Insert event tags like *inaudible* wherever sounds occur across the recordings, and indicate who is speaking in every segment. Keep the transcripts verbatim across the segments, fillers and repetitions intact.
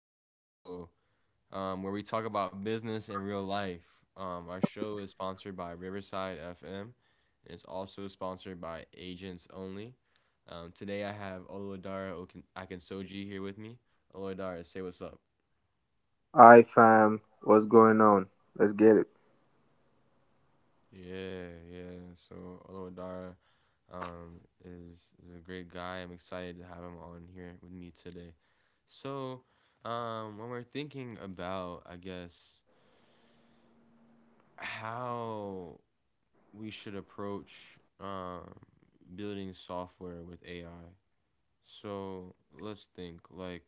Speaker 1: Allende Show, um, where we talk about business and real life. Um, our show is sponsored by Riverside F M, and it's also sponsored by Agents Only. Um, today I have Oluwadara Okin- Akinsoji here with me. Oluwadara, say what's up.
Speaker 2: Hi fam, what's going on? Let's get it.
Speaker 1: Yeah, yeah. So Oluwadara um, is is a great guy. I'm excited to have him on here with me today. So um, when we're thinking about, I guess, how we should approach um, building software with A I. So let's think, like,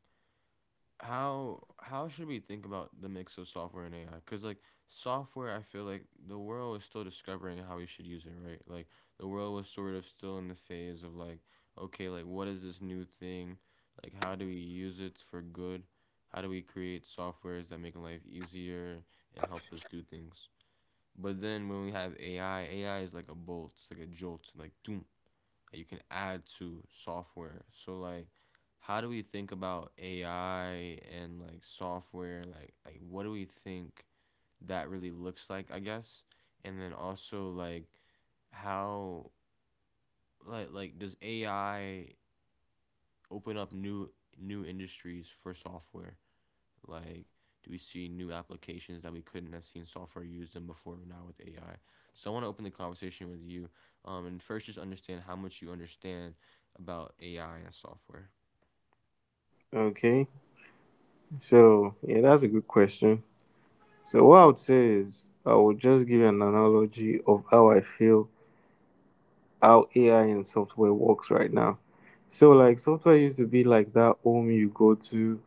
Speaker 1: how how should we think about the mix of software and A I? Cause, like, software, I feel like the world is still discovering how we should use it, right? Like, the world was sort of still in the phase of, like, okay, like, what is this new thing? Like, how do we use it for good? How do we create softwares that make life easier and help us do things? But then when we have A I, A I is like a bolt, it's like a jolt, like doom that you can add to software. So, like, how do we think about A I and, like, software? Like like what do we think that really looks like, I guess? And then also, like, how like like does A I open up new new industries for software? Like, do we see new applications that we couldn't have seen software used in before now with A I? So I want to open the conversation with you, um, and first just understand how much you understand about A I and software.
Speaker 2: Okay, so yeah, that's a good question. So what I would say is I would just give you an analogy of how I feel how A I and software works right now. So like software used to be like that home you go to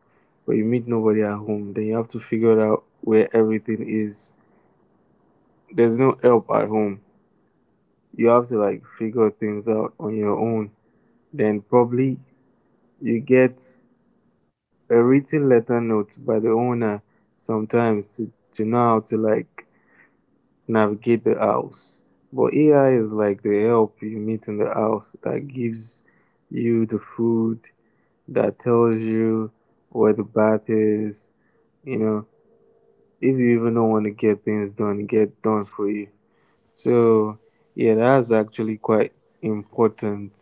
Speaker 2: where you meet nobody at home, then you have to figure out where everything is. There's no help at home. You have to like figure things out on your own. Then probably you get a written letter note by the owner sometimes to, to know how to like navigate the house. But A I is like the help you meet in the house that gives you the food, that tells you where the bath is, you know, if you even don't want to get things done, get done for you. So yeah, that's actually quite important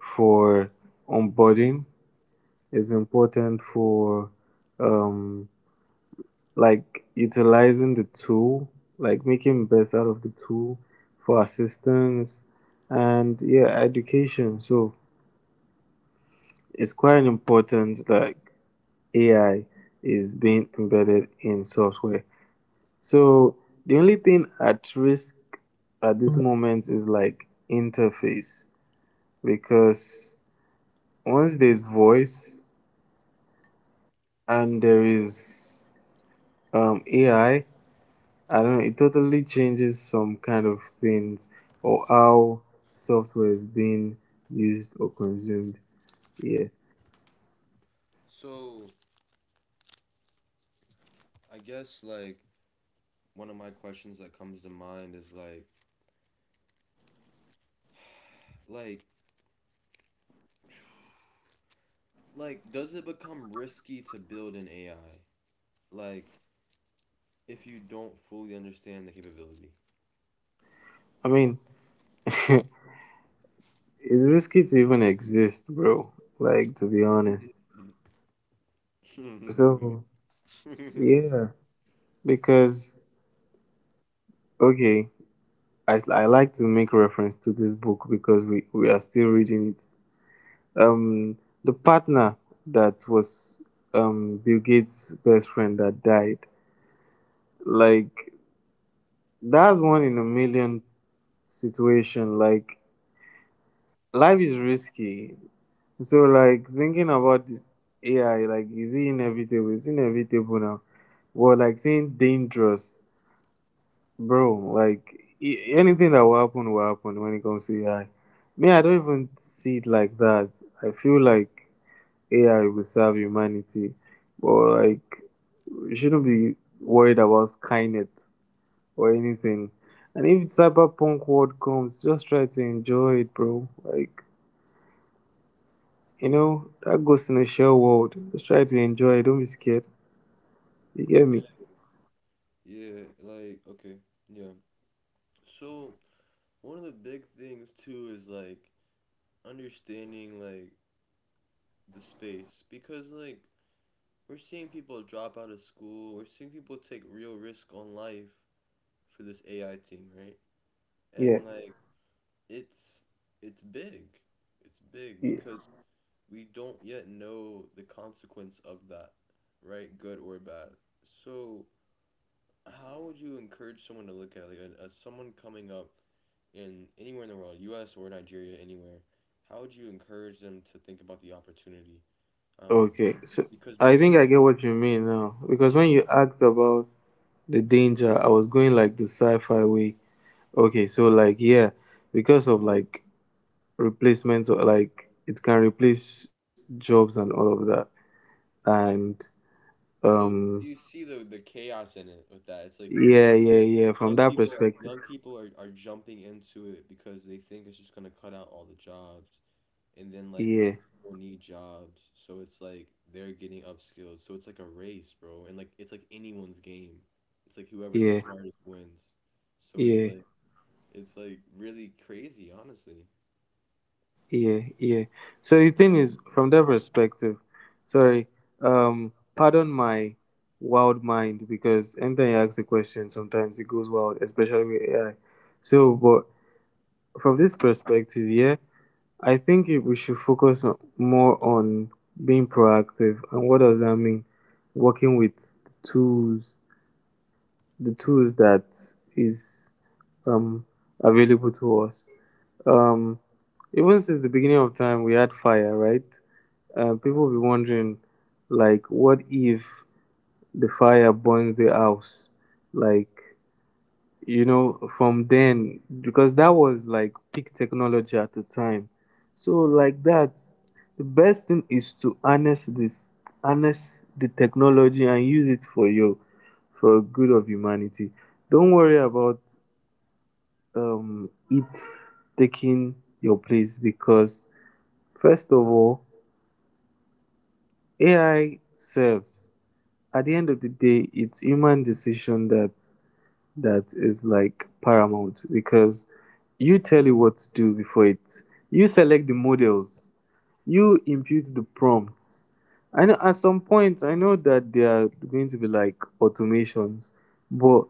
Speaker 2: for onboarding. It's important for um like utilizing the tool, like making best out of the tool for assistance and yeah, education. So it's quite important that A I is being embedded in software. So the only thing at risk at this moment is like interface because once there's voice and there is um, A I, I don't know, it totally changes some kind of things or how software is being used or consumed. Yeah.
Speaker 1: So I guess, like, one of my questions that comes to mind is like like like does it become risky to build an A I? Like, if you don't fully understand the capability.
Speaker 2: I mean, *laughs* it's risky to even exist, bro. Like, to be honest.
Speaker 1: *laughs*
Speaker 2: So,
Speaker 1: *laughs*
Speaker 2: yeah. Because, okay, I, I like to make reference to this book because we, we are still reading it. Um, the partner that was um, Bill Gates' best friend that died, like, that's one in a million situation. Like life is risky. So like thinking about this A I, like is it inevitable? It's inevitable now. Well, like saying dangerous, bro. Like i- anything that will happen will happen when it comes to A I. Me, I don't even see it like that. I feel like A I will serve humanity, but like we shouldn't be worried about Skynet or anything. And if cyberpunk world comes, just try to enjoy it, bro. Like you know, that goes in a shell world. Just try to enjoy it. Don't be scared. You get me?
Speaker 1: yeah. Yeah, like, okay. Yeah. So one of the big things too is, like, understanding, like, the space because, like, we're seeing people drop out of school, we're seeing people take real risk on life for this A I thing, right?
Speaker 2: Yeah.
Speaker 1: And like, it's it's big. It's big
Speaker 2: Yeah.
Speaker 1: because we don't yet know the consequence of that, right? Good or bad. So how would you encourage someone to look at it? Like a, a, someone coming up in anywhere in the world, U S or Nigeria, anywhere? How would you encourage them to think about the opportunity? Um,
Speaker 2: Okay. So
Speaker 1: because we
Speaker 2: I
Speaker 1: see,
Speaker 2: think I get what you mean now.
Speaker 1: yeah,
Speaker 2: Because when you asked about the danger, I was going like the sci fi way. Okay. So, like, yeah, because of like replacements or like it can replace jobs and all of that. And,
Speaker 1: so
Speaker 2: um,
Speaker 1: do you see the the chaos in it with that? It's like
Speaker 2: yeah,
Speaker 1: people,
Speaker 2: yeah, yeah.
Speaker 1: young
Speaker 2: From that
Speaker 1: people are young
Speaker 2: perspective,
Speaker 1: people are, are jumping into it because they think it's just gonna cut out all the jobs, and then, like, old
Speaker 2: yeah,
Speaker 1: people need jobs, so it's like they're getting upskilled. So it's like a race, bro, and, like, it's like anyone's game. It's like whoever's the
Speaker 2: yeah,
Speaker 1: smartest wins. So it's
Speaker 2: yeah.
Speaker 1: like it's like really crazy, honestly.
Speaker 2: Yeah, yeah. So the thing is, from that perspective, sorry, um, pardon my wild mind because anytime you ask a question, sometimes it goes wild, especially with A I. So, but from this perspective, yeah, I think it- we should focus on, more on being proactive. And what does that mean? Working with tools the tools that is um, available to us. Um, Even since the beginning of time, we had fire, right? Uh, people will be wondering, like, what if the fire burns the house? Like, you know, from then, because that was like peak technology at the time. So, like that, the best thing is to harness this, harness the technology and use it for your, for good of humanity. Don't worry about um, it taking your place because, first of all, A I serves. At the end of the day, it's human decision that that is like paramount because you tell it what to do before it you select the models, you impute the prompts. I know at some point I know that there are going to be like automations, but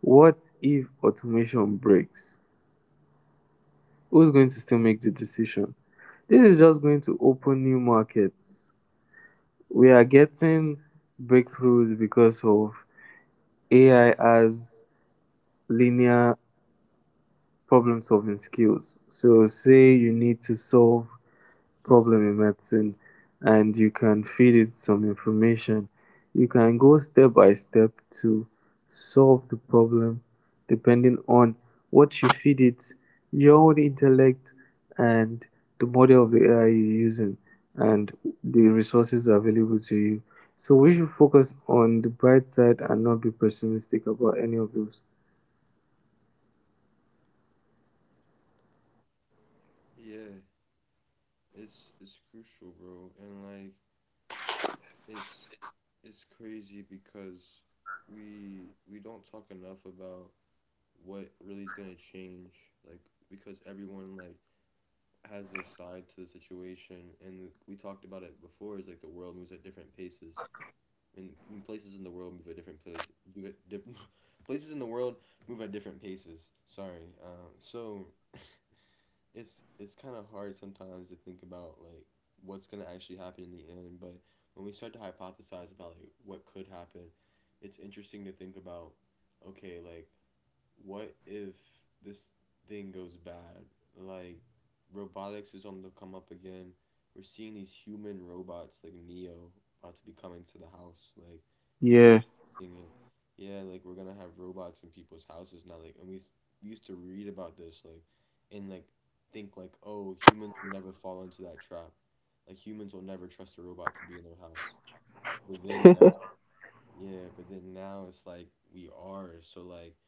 Speaker 2: what if automation breaks? Who's going to still make the decision? This is just going to open new markets. We are getting breakthroughs because of AI as linear problem solving skills. So, say you need to solve problem in medicine and you can feed it some information. You can go step by step to solve the problem depending on what you feed it, your own intellect, and the model of the A I you're using, and the resources available to you. So, we should focus on the bright side and not be pessimistic about any of those.
Speaker 1: Yeah, it's it's crucial, bro, and like. It's it's crazy because we we don't talk enough about what really is gonna change, like, because everyone, like, has their side to the situation, and we talked about it before. Is like the world moves at different paces. I mean, I mean, places in the world move at different place do it different *laughs* places in the world move at different paces. Sorry. Um, so it's it's kind of hard sometimes to think about, like, what's going to actually happen in the end, but when we start to hypothesize about, like, what could happen, it's interesting to think about, okay, like, what if this thing goes bad? Like, robotics is on the come up again. We're seeing these human robots like Neo about to be coming to the house. Like, people
Speaker 2: Yeah.
Speaker 1: seeing it. Yeah, like, we're gonna have robots in people's houses now. Like, and we, s- we used to read about this. Like, and, like, think, like, oh, humans will never fall into that trap. Like, humans will never trust a robot to be in their house. But then now, yeah, but then now it's like we are. So, like,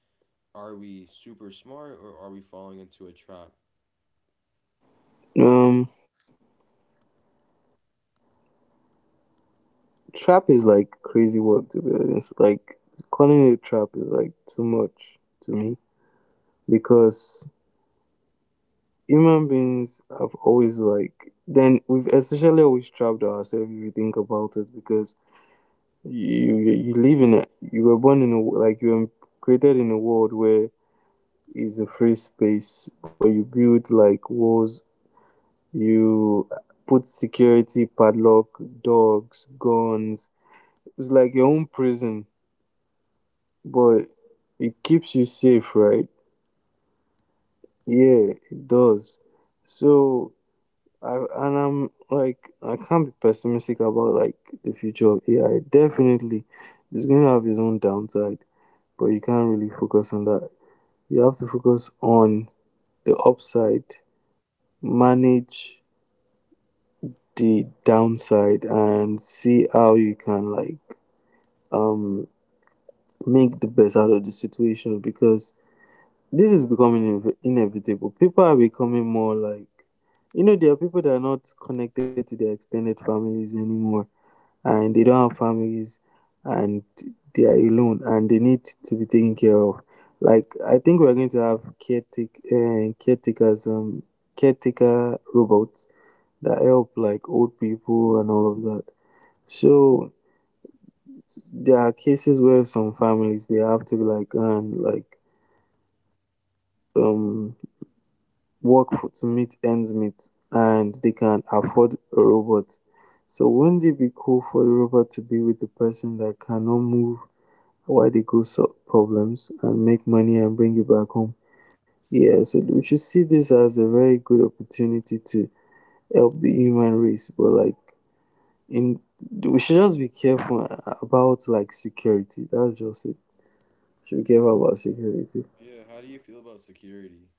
Speaker 1: are we super smart or are we falling into a trap?
Speaker 2: Um, Trap is like crazy work to be honest. Like calling it trap is like too much to me because human beings have always like then we've essentially always trapped ourselves if you think about it because you you, you live in a you were born in a like you were created in a world where is a free space, but you build like walls, you put security padlock, dogs, guns. It's like your own prison, but it keeps you safe, right? Yeah, it does. So I and I'm like I can't be pessimistic about like the future of A I. Definitely, it's going to have its own downside, but you can't really focus on that. You have to focus on the upside, manage the downside, and see how you can like um make the best out of the situation because this is becoming inv- inevitable. People are becoming more like, you know, there are people that are not connected to their extended families anymore, and they don't have families, and they are alone, and they need to be taken care of. Like, I think we're going to have caretake, uh, caretakers, um, caretaker robots that help like old people and all of that. So there are cases where some families they have to like go and like um work for, to meet ends meet and they can afford a robot. So wouldn't it be cool for the robot to be with the person that cannot move while they go solve problems and make money and bring it back home? Yeah, so we should see this as a very good opportunity to help the human race, but like in we should just be careful about like security. That's just it. We should be careful about security.
Speaker 1: Yeah, how do you feel about security?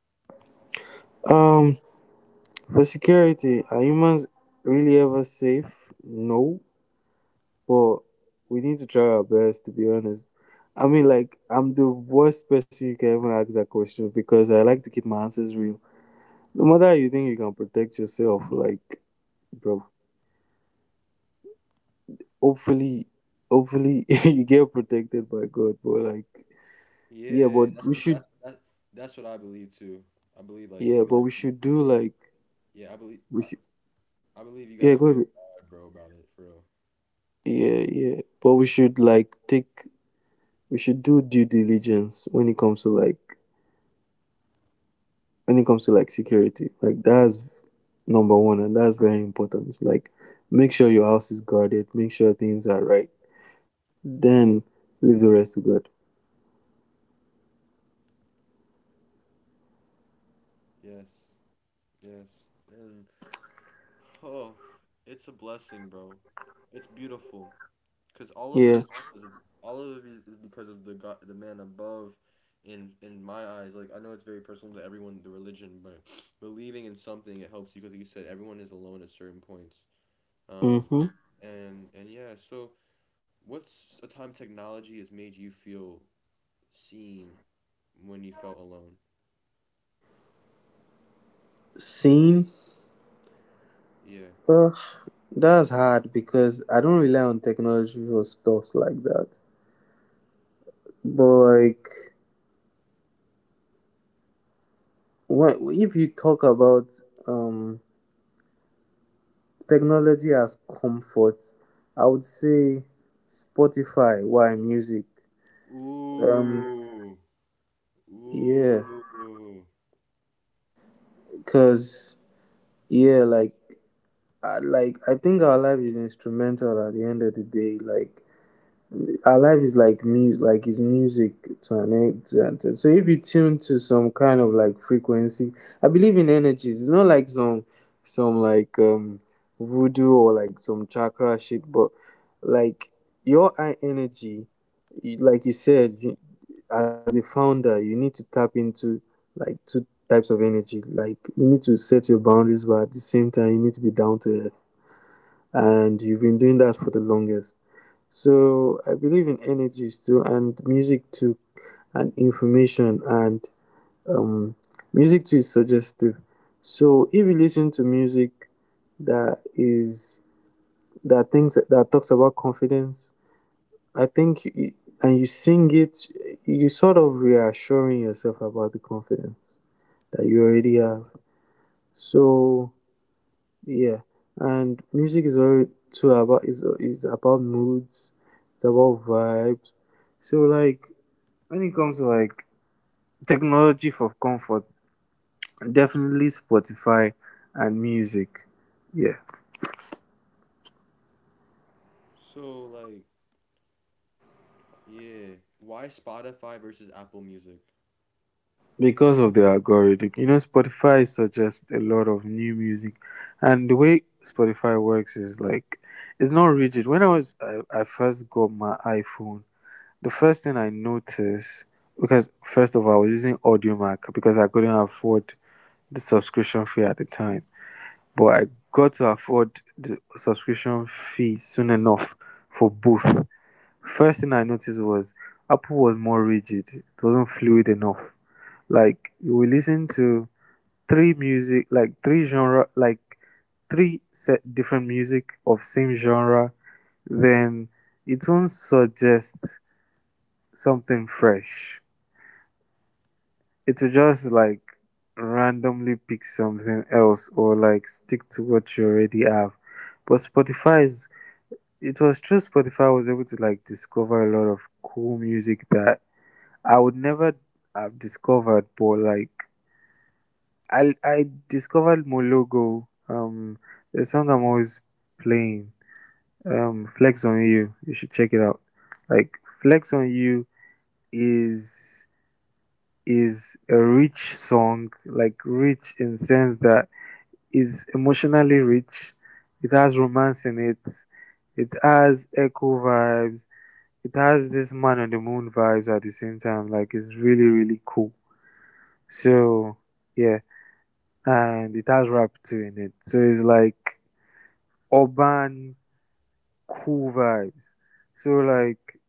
Speaker 2: Um for security, are humans really ever safe? No. But we need to try our best to be honest. I mean, like, I'm the worst person you can even ask that question because I like to keep my answers real. No matter how you think you can protect yourself, like, bro, hopefully, hopefully *laughs* you get protected by God, but like, yeah,
Speaker 1: Yeah,
Speaker 2: but we
Speaker 1: that's what
Speaker 2: should,
Speaker 1: that's that, that's what I believe too. I believe, like,
Speaker 2: yeah,
Speaker 1: you
Speaker 2: but
Speaker 1: gotta
Speaker 2: we
Speaker 1: pray,
Speaker 2: should
Speaker 1: pray.
Speaker 2: do like,
Speaker 1: Yeah, I believe
Speaker 2: we
Speaker 1: I,
Speaker 2: should,
Speaker 1: I believe you gotta
Speaker 2: yeah, go
Speaker 1: pray to
Speaker 2: ahead.
Speaker 1: God, bro, about it for real.
Speaker 2: Yeah, yeah, but we should like take, we should do due diligence when it comes to like when it comes to like security. Like that's number one, and that's very important. Like make sure your house is guarded, make sure things are right. Then leave the rest to God.
Speaker 1: Yes, yes. And oh, it's a blessing, bro. It's beautiful. Because all of
Speaker 2: Yeah.
Speaker 1: it is because of, all of it is because of the God, the man above. In in my eyes, like, I know it's very personal to everyone, the religion, but believing in something it helps you because like you said everyone is alone at certain points. Um,
Speaker 2: Mhm.
Speaker 1: and and yeah, so what's a time technology has made you feel seen when you felt alone?
Speaker 2: Seeing.
Speaker 1: Yeah.
Speaker 2: Ugh, that's hard because I don't rely on technology for stuff like that. But like, when, if you talk about um technology as comfort, I would say Spotify. Why music? Um,
Speaker 1: Ooh.
Speaker 2: yeah,
Speaker 1: Ooh.
Speaker 2: because yeah like I, like I think our life is instrumental at the end of the day, like our life is like music, like is music to an extent, so if you tune to some kind of like frequency, I believe in energies. It's not like some some like um voodoo or like some chakra shit, but like your high energy, you- like you said you, as a founder you need to tap into like two types of energy, like you need to set your boundaries, but at the same time you need to be down to earth, and you've been doing that for the longest. So I believe in energies too, and music too, and information, and um, music too is suggestive. So if you listen to music that is that things that talks about confidence, I think, you, and you sing it, you sort of reassuring yourself about the confidence that you already have. So yeah, and music is very too about is is about moods, it's about vibes. So like when it comes to like technology for comfort, definitely Spotify and music. Yeah,
Speaker 1: So, like, yeah. Why Spotify versus Apple Music?
Speaker 2: because of the algorithm. You know, Spotify suggests a lot of new music, and the way Spotify works is like it's not rigid. When I was I, I first got my iPhone. The first thing I noticed, because first of all, I was using AudioMac because I couldn't afford the subscription fee at the time. But I got to afford the subscription fee soon enough for both. First thing I noticed was Apple was more rigid, it wasn't fluid enough. Like, you will listen to three music, like three genre, like three set different music of same genre, then it won't suggest something fresh, it will just like randomly pick something else or like stick to what you already have. But Spotify is it was through Spotify I was able to like discover a lot of cool music that I would never have discovered but like I I discovered Mologo, um the song I'm always playing. Um Flex on You. You should check it out. Like Flex on You is is a rich song, like rich in sense that is emotionally rich. It has romance in it. It has echo vibes. It has this man on the moon vibes at the same time. Like it's really really cool. So yeah, and it has rap too in it. So it's like urban cool vibes. So like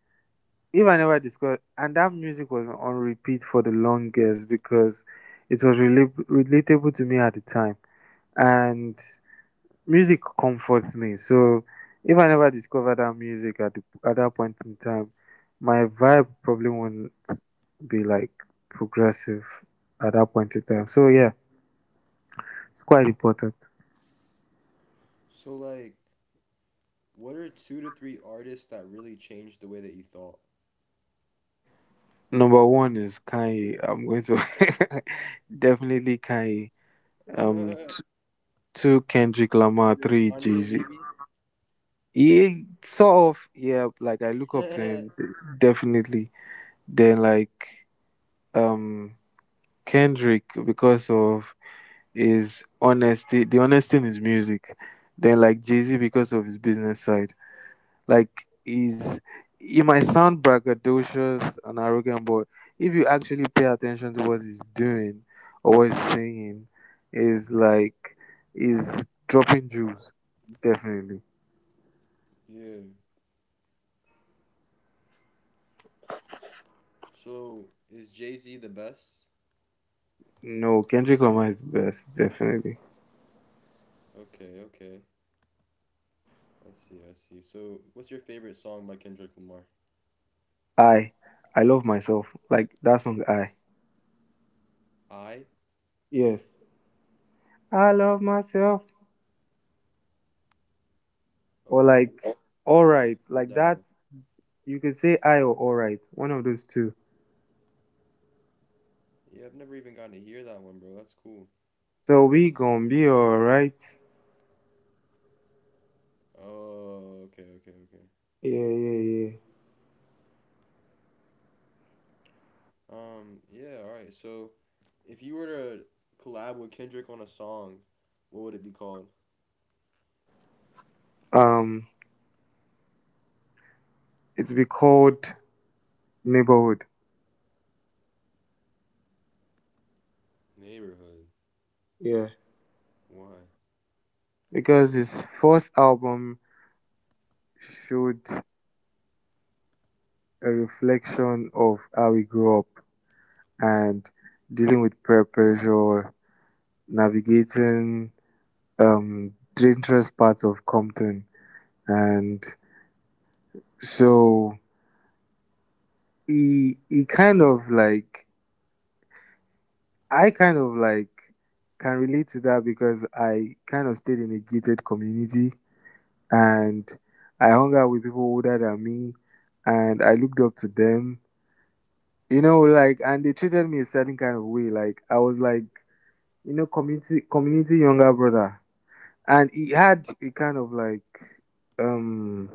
Speaker 2: if I never discovered, and that music was on repeat for the longest because it was rela- relatable to me at the time and music comforts me. So if I never discover that music at, the, at that point in time, my vibe probably won't be like progressive at that point in time. So yeah, it's quite important.
Speaker 1: So, like, what are two to three artists that really changed the way that you thought? *laughs*
Speaker 2: Number one is Kanye. I'm going to *laughs* definitely Kanye. Um,
Speaker 1: Uh,
Speaker 2: t- Two Kendrick Lamar,
Speaker 1: you're a
Speaker 2: three Jay
Speaker 1: Kanye
Speaker 2: Z.
Speaker 1: baby.
Speaker 2: He sort of yeah, like I look up to him
Speaker 1: *laughs*
Speaker 2: definitely. Then like um Kendrick because of is honesty. The honesty in his music. Then like Jay Z because of his business side. Like he's he might sound braggadocious and arrogant, but if you actually pay attention to what he's doing or what he's saying, is like he's dropping jewels. Definitely.
Speaker 1: Yeah. So is Jay-Z the best?
Speaker 2: No, Kendrick Lamar is the best. Definitely.
Speaker 1: Okay, okay. I see, I see. So what's your favorite song by Kendrick Lamar?
Speaker 2: I I love myself. Like that song I.
Speaker 1: I?
Speaker 2: Yes. I love myself. Or
Speaker 1: Oh,
Speaker 2: like all
Speaker 1: I've never
Speaker 2: right.
Speaker 1: heard
Speaker 2: Like
Speaker 1: that one.
Speaker 2: that you could say I or alright, one of those two.
Speaker 1: Yeah, I've never even gotten to hear that one, bro. That's cool.
Speaker 2: So we gonna be alright.
Speaker 1: Oh, okay, okay, okay.
Speaker 2: Yeah, yeah, yeah.
Speaker 1: Um, yeah, all right. So if you were to collab with Kendrick on a song, what would it be called?
Speaker 2: Um, it's be called Neighborhood.
Speaker 1: Neighborhood.
Speaker 2: Yeah,
Speaker 1: Why?
Speaker 2: because his first album showed a reflection of how we grew up and dealing with peer pressure, navigating um dangerous parts of Compton, and so he he kind of like I kind of like can relate to that because I kind of stayed in a gated community and I hung out with people older than me and I looked up to them. You know, like and they treated me a certain kind of way. Like I was like, you know, community community younger brother. And he had a kind of like um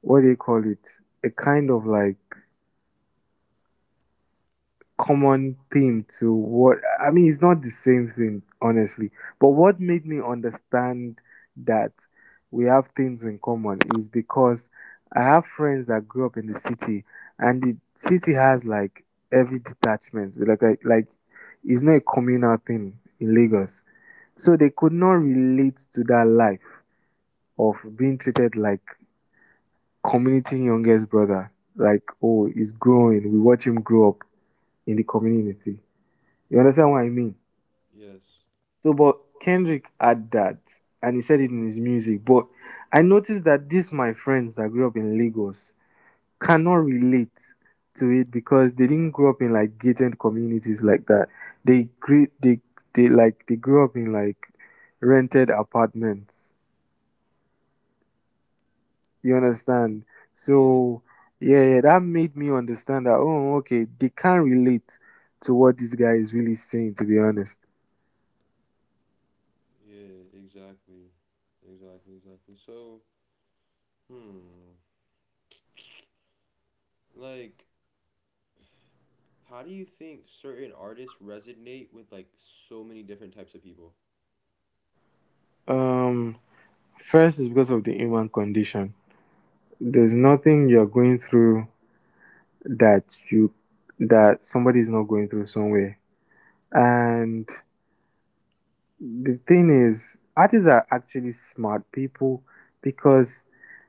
Speaker 2: what do you call it? A kind of like common theme to what I mean, it's not the same thing, honestly. But what made me understand that we have things in common is because I have friends that grew up in the city, and the city has like every detachment, but like a, like it's not a communal thing in Lagos, so they could not relate to that life of being treated like community youngest brother. Like, oh, he's growing. We watch him grow up in the community. You understand what I mean?
Speaker 1: Yes.
Speaker 2: So, but Kendrick had that, and he said it in his music. But I noticed that these my friends that grew up in Lagos cannot relate to it because they didn't grow up in like gated communities like that. They grew they they like they grew up in like rented apartments. You understand?
Speaker 1: Yeah.
Speaker 2: So yeah, yeah, that made me understand that oh okay, they can't relate to what this guy is really saying to be honest.
Speaker 1: Yeah. Exactly. Exactly. Exactly. So, hmm. Like, how do you think certain artists resonate with, like, so many different types of people?
Speaker 2: Um First is because of the human condition. There's nothing you're going through that you that somebody is not going through somewhere. And the thing is, artists are actually smart people because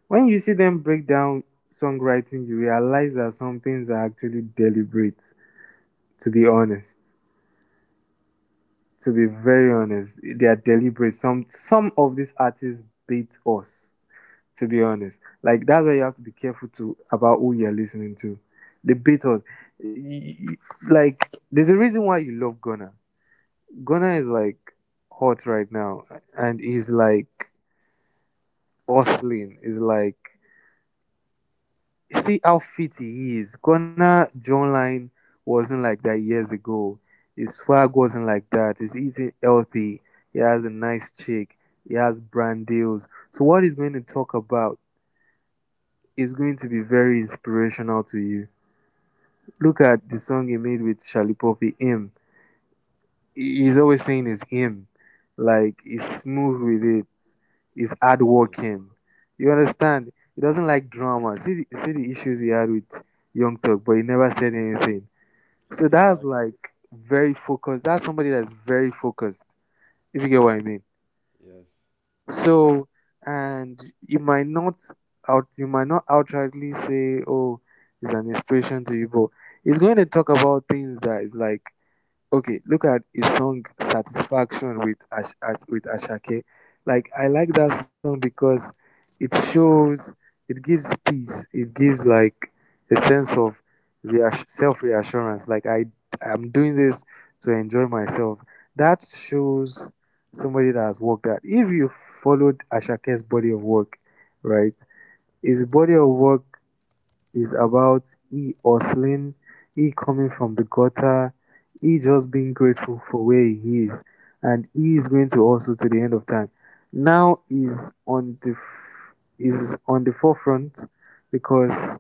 Speaker 2: when you see them break down songwriting, you realize that some things are actually deliberate. To be honest, to be very honest, they are deliberate. Some some of these artists beat us to be honest. Like that's why you have to be careful to about who you're listening to. The Beatles, y- y- like there's a reason why you love Gunna. Gunna is like hot right now, and he's like hustling. Is like see how fit he is. Gunna jawline wasn't like that years ago. His swag wasn't like that. He's eating healthy. He has a nice chick. He has brand deals. So what he's going to talk about is going to be very inspirational to you. Look at the song he made with Charlie Poppy, him. He- He's always saying it's him. Like he's smooth with it. He's
Speaker 1: Yeah.
Speaker 2: hardworking. You understand? He doesn't like drama. See, the- see the issues he had with Young Thug, but he never said anything. So that's
Speaker 1: Exactly.
Speaker 2: like very focused. That's somebody that's very focused. If you get what I mean.
Speaker 1: Yes.
Speaker 2: So and you might not out you might not outrightly say, "Oh, it's an inspiration to you," but he's going to talk about things that is like okay, look at his song Satisfaction with Ash, Ash, with Ashake. Like I
Speaker 1: Yeah.
Speaker 2: like that song because it shows it gives peace. It gives like a sense of reass- self reassurance. Like I I'm doing this to enjoy myself. That shows somebody that has worked That If you followed Ashake's body of work, right? His body of work is about E hustling, E coming from the gutter, E just being grateful for where he is, and E is going to hustle to the end of time. Now is on the f- is on the forefront because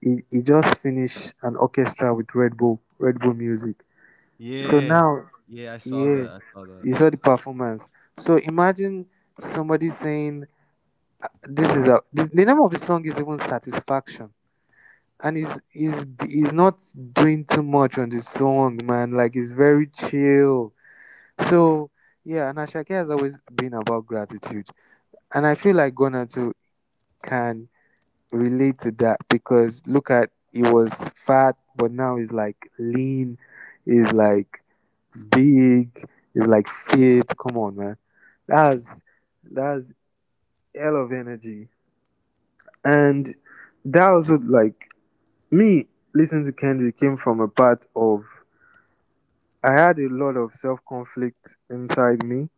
Speaker 2: he, he just finished an orchestra with Red Bull, Red Bull Music. So
Speaker 1: Yeah.
Speaker 2: now,
Speaker 1: Yeah, I saw that.
Speaker 2: yeah,
Speaker 1: I saw that.
Speaker 2: you saw the performance. So imagine somebody saying, "This is a." This, the name of the song is even Satisfaction and he's he's he's not doing too much on the song, man. Like he's very chill. So yeah, and Ashake has always been about gratitude, and I feel like Ghana too can relate to that because look at he was fat, but now he's like lean, he's like big, he's like fit. Come on, man. That's that's hell of energy, and that also like me listening to Kendrick came from a part of I had a lot of self conflict inside me.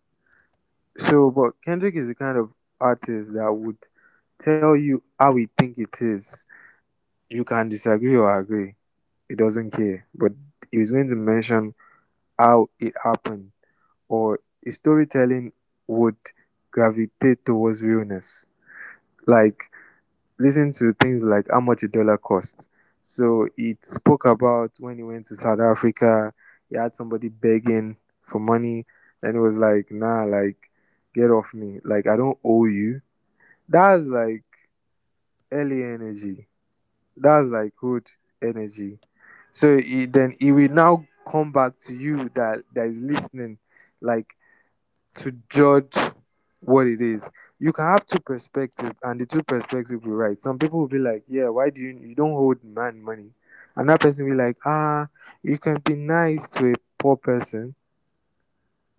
Speaker 2: So, but Kendrick is the kind of artist that would tell you how he think it is. You can disagree or agree. He doesn't care. But he's going to mention how it happened or his storytelling would gravitate towards realness. Like listen to things like how much a dollar costs. So it spoke about when he went to South Africa, he had somebody begging for money, and it was like, nah, like, get off me. Like, I don't owe you. That's like early energy. That's like good energy. So he, then he will now come back to you that that is listening, like to judge what it is. You can have two perspectives, and the two perspectives will be right. Some people will be like, "Yeah, why do you you don't hold man money?" And that person will be like, "Ah, you can be nice to a poor person."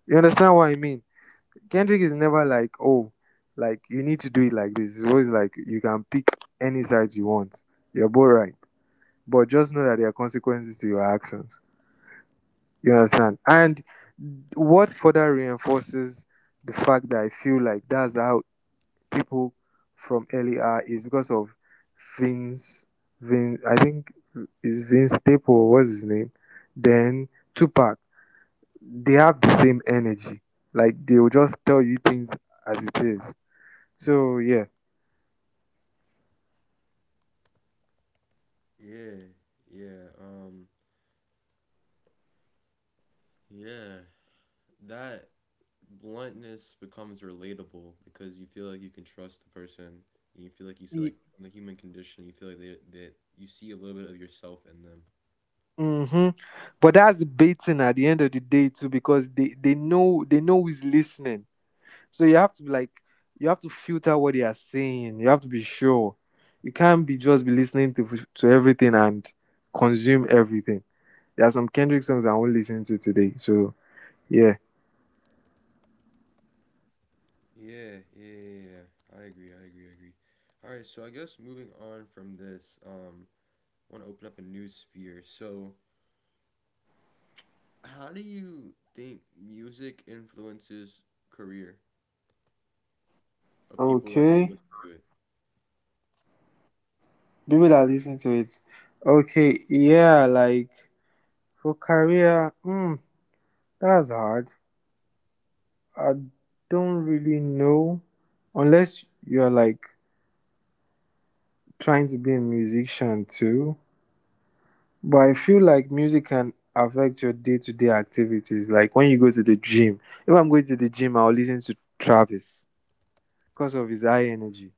Speaker 2: You understand what I mean?
Speaker 1: Yes.
Speaker 2: Kendrick is never like, "Oh, like you need to do it like this." It's always like you can pick any side you want. You're both right, but just know that there are consequences to your actions. You understand? And what further reinforces the fact that I feel like that's how people from earlier is because of Vince. Vince, I think is Vince Staple. What's his name? Then Tupac. They have the same energy. Like they will just tell you things as it is. So yeah.
Speaker 1: Yeah. Yeah. Um. Yeah. That. Bluntness becomes relatable because you feel like you can trust the person and you feel like you see, like, in the human condition you feel like they, that you see a little bit of yourself in them.
Speaker 2: Mm-hmm. But that's the baiting at the end of the day too, because they they know they know who's listening. So you have to be like, you have to filter what they are saying. You have to be sure. You can't be just be listening to to everything and consume everything. There are some Kendrick songs I won't listen to today. So yeah.
Speaker 1: Yeah, yeah, yeah, yeah. I agree, I agree, I agree. All right, so I guess moving on from this, um want to open up a new sphere. So how do you think music influences career of people
Speaker 2: Okay.
Speaker 1: that who listen to it?
Speaker 2: People that listen to it. Okay. Yeah. Like for career, mm, that's hard. I don't really know, unless you are like trying to be a musician too. But I feel like music can affect your day-to-day activities. Like when you go to the gym. If I'm going to the gym, I'll listen to Travis because of his high energy.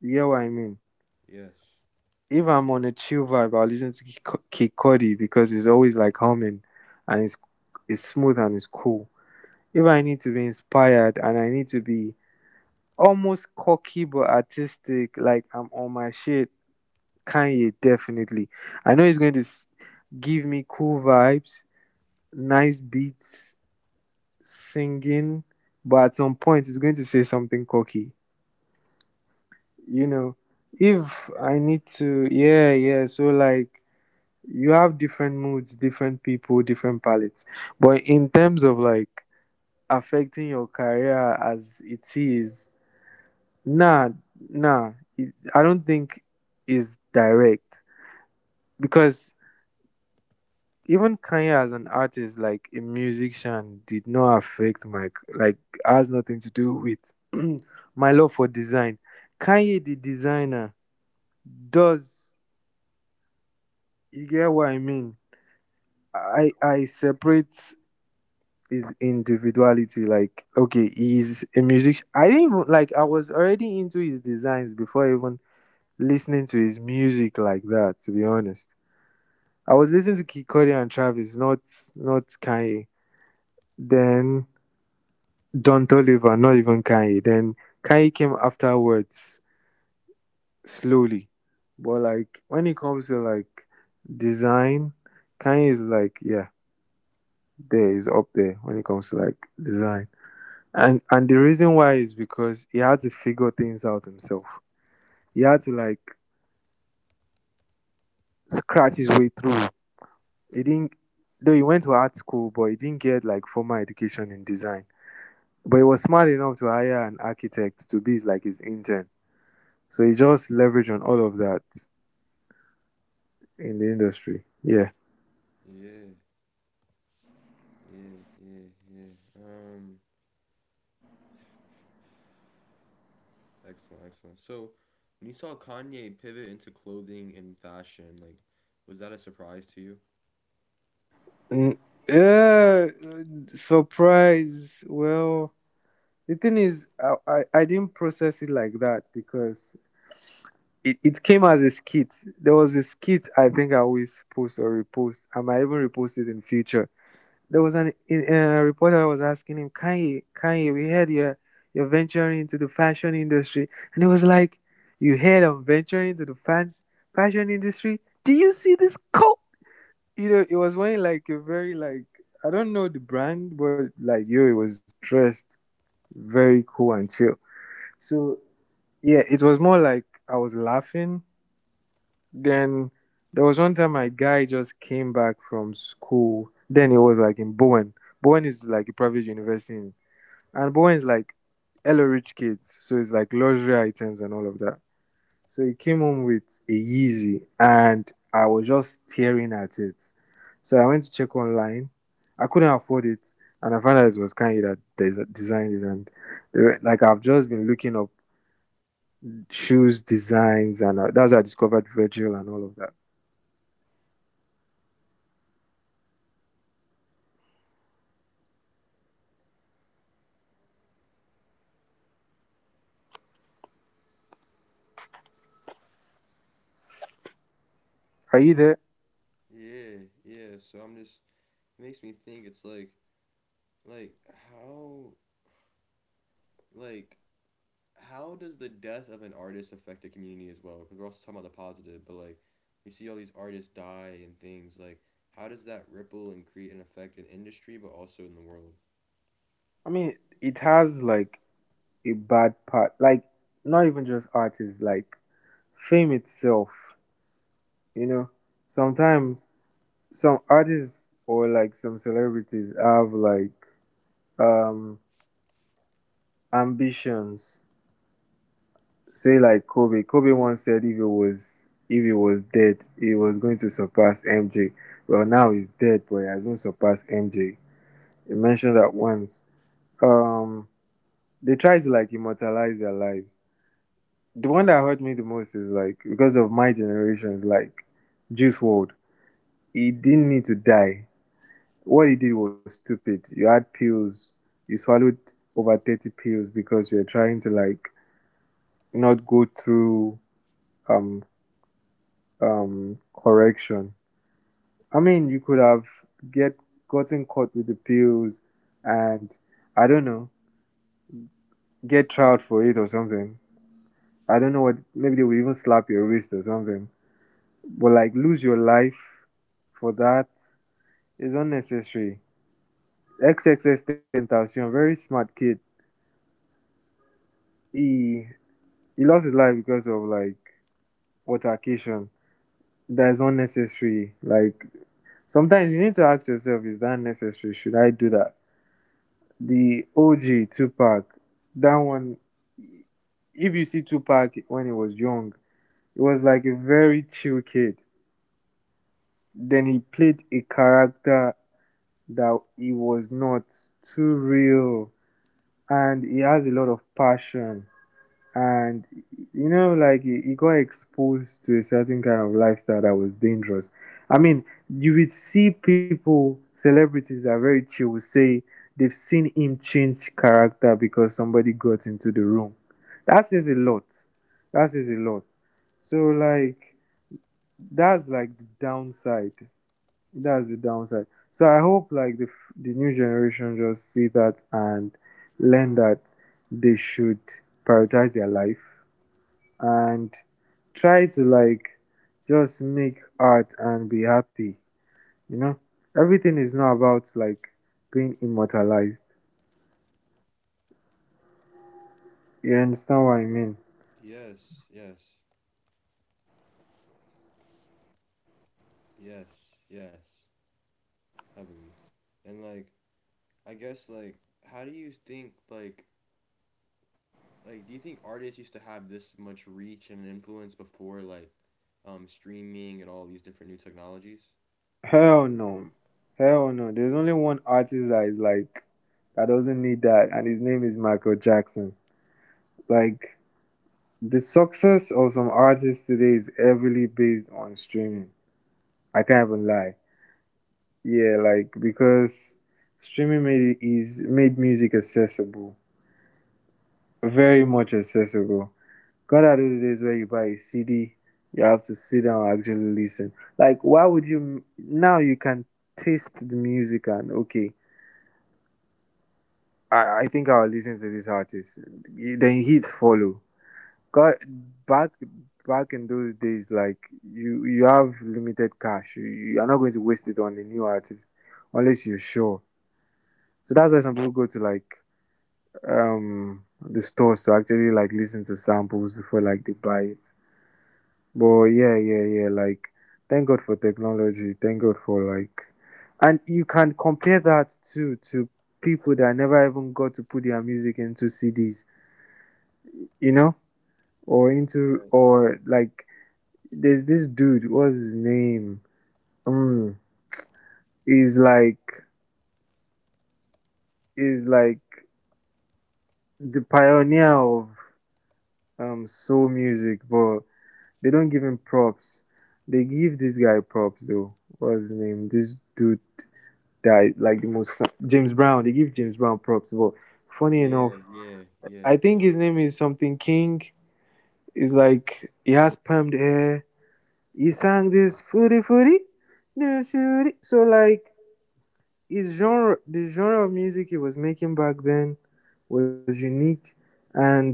Speaker 2: You get what I mean?
Speaker 1: Yes,
Speaker 2: If I'm on a chill vibe, I'll listen to Kik Kid Cudi because he's always like humming and it's it's smooth and it's cool. If I need to be inspired and I need to be almost cocky but artistic, like I'm on my shit, Kanye definitely. I know he's going to s- give me cool vibes nice beats, singing, but at some point it's going to say something cocky. You know, if
Speaker 1: yeah,
Speaker 2: I need to, yeah, yeah. So like, you have different moods, different people, different palettes. But in terms of like affecting your career as it is, nah, nah. It, I don't think is direct because even Kanye as an artist, like a musician, did not affect my like has nothing to do with *clears throat* my love for design. Kanye the designer does you get what I mean? I I separate his individuality. Like okay, he's a musician. I didn't even like I was already into his designs before even listening to his music like that. To be honest, I was listening to Kid Cudi and Travis, not not Kanye. Then Don Toliver, not even Kanye. Then Kanye came afterwards slowly. But like when it comes to like design, Kanye is like, yeah, there is up there when it comes to like design. And and the reason why is because he had to figure things out himself. He had to like scratch his way through. He didn't though he went to art school, but he didn't get like formal education in design. But he was smart enough to hire an architect to be his, like his intern. So you just leverage on all of that in the industry. Yeah.
Speaker 1: yeah, yeah, yeah, yeah. um Excellent, excellent. So, when you saw Kanye pivot into clothing and fashion, like, was that a surprise to you?
Speaker 2: N- Uh, surprise. Well, the thing is, I, I, I didn't process it like that because it, it came as a skit. There was a skit I think I always post or repost. I might even repost it in future. There was an a reporter was asking him, Kanye, Kanye, we heard you're you're venturing into the fashion industry, and he was like, you heard I'm venturing into the fan fashion industry? Do you see this coat? You know, it was wearing like a very like I don't know the brand, but like yo, it was dressed very cool and chill. So yeah, it was more like I was laughing then there was one time my guy just came back from school. Then it was like in Bowen. Bowen is like a private university, in- and Bowen is like hello rich kids, so it's like luxury items and all of that. So he came home with a Yeezy, and I was just staring at it. So I went to check online. I couldn't afford it, and I found out it was Kanye that des- designed it. And they were- like I've just been looking up shoes designs, and uh, that's how I discovered Virgil and all of that. Are you there?
Speaker 1: Yeah, yeah. So I'm just it makes me think it's like like how like how does the death of an artist affect the community as well? Because we're also talking about the positive, but, like, we see all these artists die and things, like, how does that ripple and create an effect in industry but also in the world?
Speaker 2: I mean, it has like a bad part. Like, not even just artists, like fame itself. You know, sometimes some artists or like some celebrities have like um ambitions. Say like Kobe. Kobe once said if he was if he was dead, he was going to surpass M J. Well, now he's dead, but he hasn't surpassed M J. He mentioned that once. Um, they try to like immortalize their lives. The one that hurt me the most is like because of my generation is like Juice World. He didn't need to die. What he did was stupid. You had pills. You swallowed over thirty pills because you're trying to like not go through um um correction. I mean, you could have get gotten caught with the pills, and I don't know, get tried for it or something. I don't know what. Maybe they will even slap your wrist or something. But like lose your life for that is unnecessary. triple X Tentacion, very smart kid. He he lost his life because of like altercation. That is unnecessary. Like sometimes you need to ask yourself, is that necessary? Should I do that? The O G Tupac, that one if you see Tupac when he was young, he was like a very chill kid. Then he played a character that he was not too real and he has a lot of passion and you know like he, he got exposed to a certain kind of lifestyle that was dangerous. I mean you would see people celebrities that are very chill will say they've seen him change character because somebody got into the room. That says a lot. That says a lot. So like that's like the downside. That's the downside. So I hope like the f- the new generation just see that and learn that they should prioritize their life and try to like just make art and be happy. You know, everything is not about like being immortalized. You understand what I mean?
Speaker 1: Yes, yes, yes, yes, heavily. And, like, I guess, like, how do you think like like do you think artists used to have this much reach and influence before like um streaming and all these different new technologies?
Speaker 2: Hell no, hell no. There's only one artist that is like that doesn't need that, and his name is Michael Jackson. Like the success of some artists today is heavily based on streaming. I can't even lie. Yeah, like because streaming made it is made music accessible, very much accessible. Gone are those days where you buy a C D, you have to sit down and actually listen. Like, why would you now? You can taste the music and okay, I I think I'll listen to this artist. You- Then hits follow. Cause back back in those days, like you you have limited cash. You, you are not going to waste it on a new artist unless you're sure. So that's why some people go to like um the stores to actually like listen to samples before like they buy it. But yeah, yeah, yeah. Like thank God for technology. Thank God for like, and you can compare that to to people that never even got to put their music into C Ds. You know or into or like there's this dude, what's his name? Um, he's like is like the pioneer of um soul music, but they don't give him props. They give this guy props though. What's his name? This dude that like the most James Brown. They give James Brown props, but funny
Speaker 1: Yeah,
Speaker 2: enough,
Speaker 1: yeah, yeah,
Speaker 2: I think his name is something King. Is like he has permed hair. He sang this footy footy, no shooty. So like his genre the genre of music he was making back then was unique and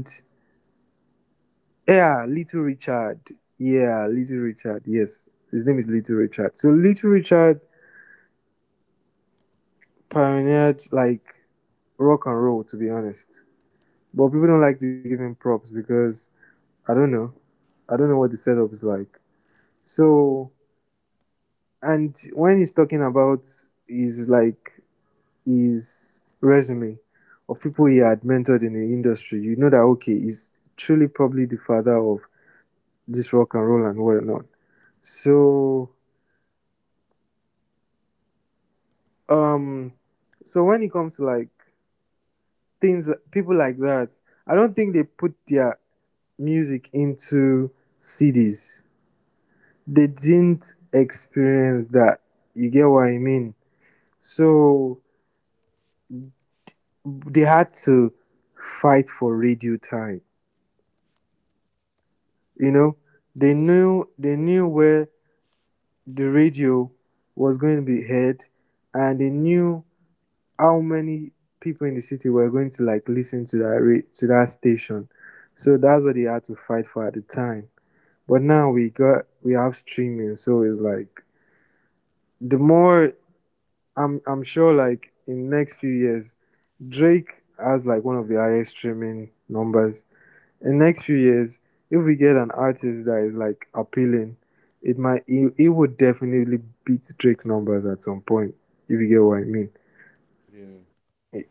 Speaker 2: yeah little richard yeah little richard yes his name is little richard so little richard pioneered like rock and roll to be honest but people don't like to give him props because I don't know I don't know what the setup is like so. And when he's talking about his like his resume of people he had mentored in the industry, you know that okay, he's truly probably the father of this rock and roll and whatnot. So, um, so when it comes to like things, people like that, I don't think they put their music into C Ds. They didn't experience that. You get what I mean? So they had to fight for radio time. You know, they knew they knew where the radio was going to be heard, and they knew how many people in the city were going to like listen to that ra- to that station. So that's what they had to fight for at the time. But now we got we have streaming, so it's like the more I'm I'm sure like in next few years Drake has like one of the highest streaming numbers in next few years, if we get an artist that is like appealing, it might it, it would definitely beat Drake numbers at some point. If you get what I mean.
Speaker 1: yeah,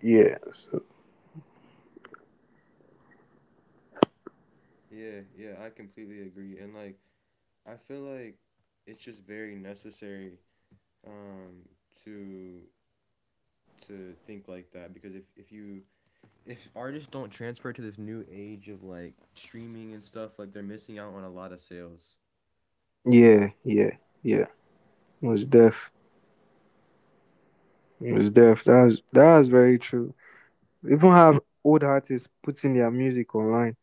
Speaker 2: Yeah. So
Speaker 1: yeah, yeah. I completely agree, and, like, I feel like it's just very necessary um to to think like that because if if you if artists don't transfer to this new age of, like, streaming and stuff, like, they're missing out on a lot of sales.
Speaker 2: yeah, yeah, yeah. Most def. Most def. That's that's very true. Even have old artists putting their music online.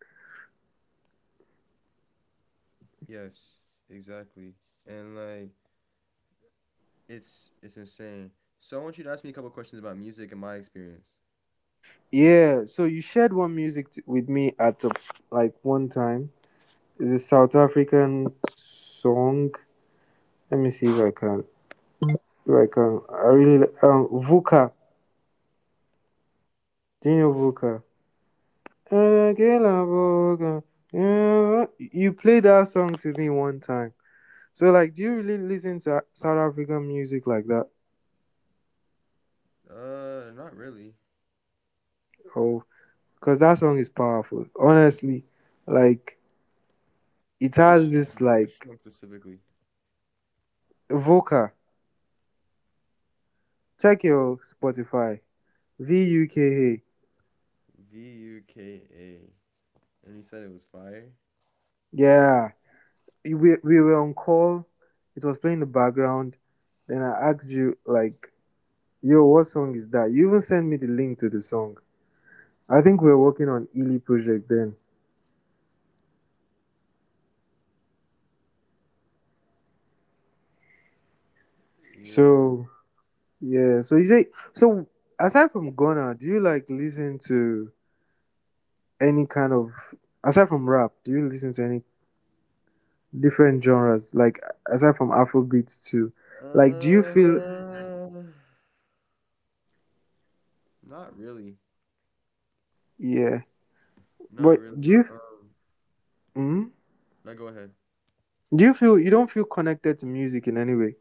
Speaker 1: Yes, exactly. And, like, it's it's insane. So I want you to ask me a couple questions about music and my experience.
Speaker 2: Yeah, so you shared one music t- with me at the, like one time. It's a South African song. Let me see if I can. If I can. I really like, um Vuka Daniel Vuka. Yeah. You played that song to me one time. So, like, do you really listen to South African music like that?
Speaker 1: Uh, not really.
Speaker 2: Oh, because that song is powerful. Honestly, like, it has
Speaker 1: Which
Speaker 2: this,
Speaker 1: song? Which
Speaker 2: like,
Speaker 1: song specifically?
Speaker 2: Vuka. Check your Spotify. V U K A.
Speaker 1: V U K A. And you said it was fire?
Speaker 2: Yeah. We, we were on call. It was playing in the background. Then I asked you, like, yo, what song is that? You even sent me the link to the song. I think we're working on Ely project then.
Speaker 1: Yeah.
Speaker 2: So yeah, so you say so aside from Ghana, do you like listen to any kind of aside from rap, do you listen to any different genres? Like aside from Afrobeat too. Like do you feel
Speaker 1: Uh, not really.
Speaker 2: yeah.
Speaker 1: Not
Speaker 2: But do
Speaker 1: really.
Speaker 2: you
Speaker 1: Um,
Speaker 2: mm,
Speaker 1: now go ahead.
Speaker 2: do you feel you don't feel connected to music in any way?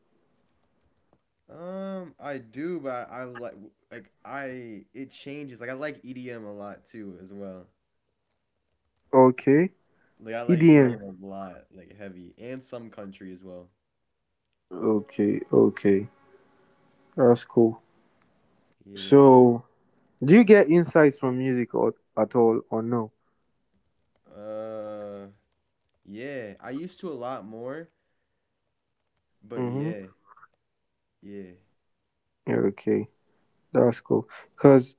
Speaker 1: Um, I do, but I, I like like I it changes. Like, I like E D M a lot too as well.
Speaker 2: Okay.
Speaker 1: Like, I like
Speaker 2: E D M.
Speaker 1: E D M a lot, like, heavy and some country as well.
Speaker 2: Okay, okay. That's cool.
Speaker 1: Yeah.
Speaker 2: So do you get insights from music or, at all or no?
Speaker 1: Uh yeah, I used to a lot more, but
Speaker 2: Mm-hmm.
Speaker 1: yeah. Yeah.
Speaker 2: Okay, that's cool. Cause,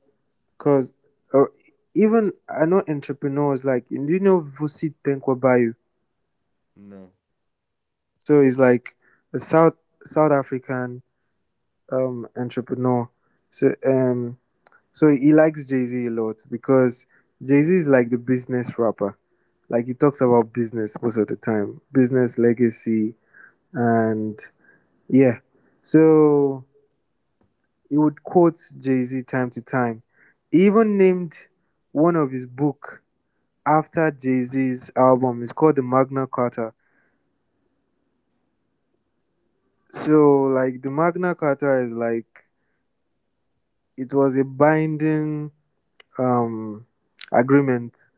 Speaker 2: cause, uh, even I know entrepreneurs like do you know Vusi Tenkwabayu?
Speaker 1: No.
Speaker 2: So he's like a South South African um entrepreneur. So um so he likes Jay Z a lot because Jay Z is like the business rapper. Like he talks about business most of the time, business legacy, and yeah. So he would quote Jay-Z time to time. He even named one of his book after Jay-Z's album. It's called the Magna Carta. So like the Magna Carta is like it was a binding um agreement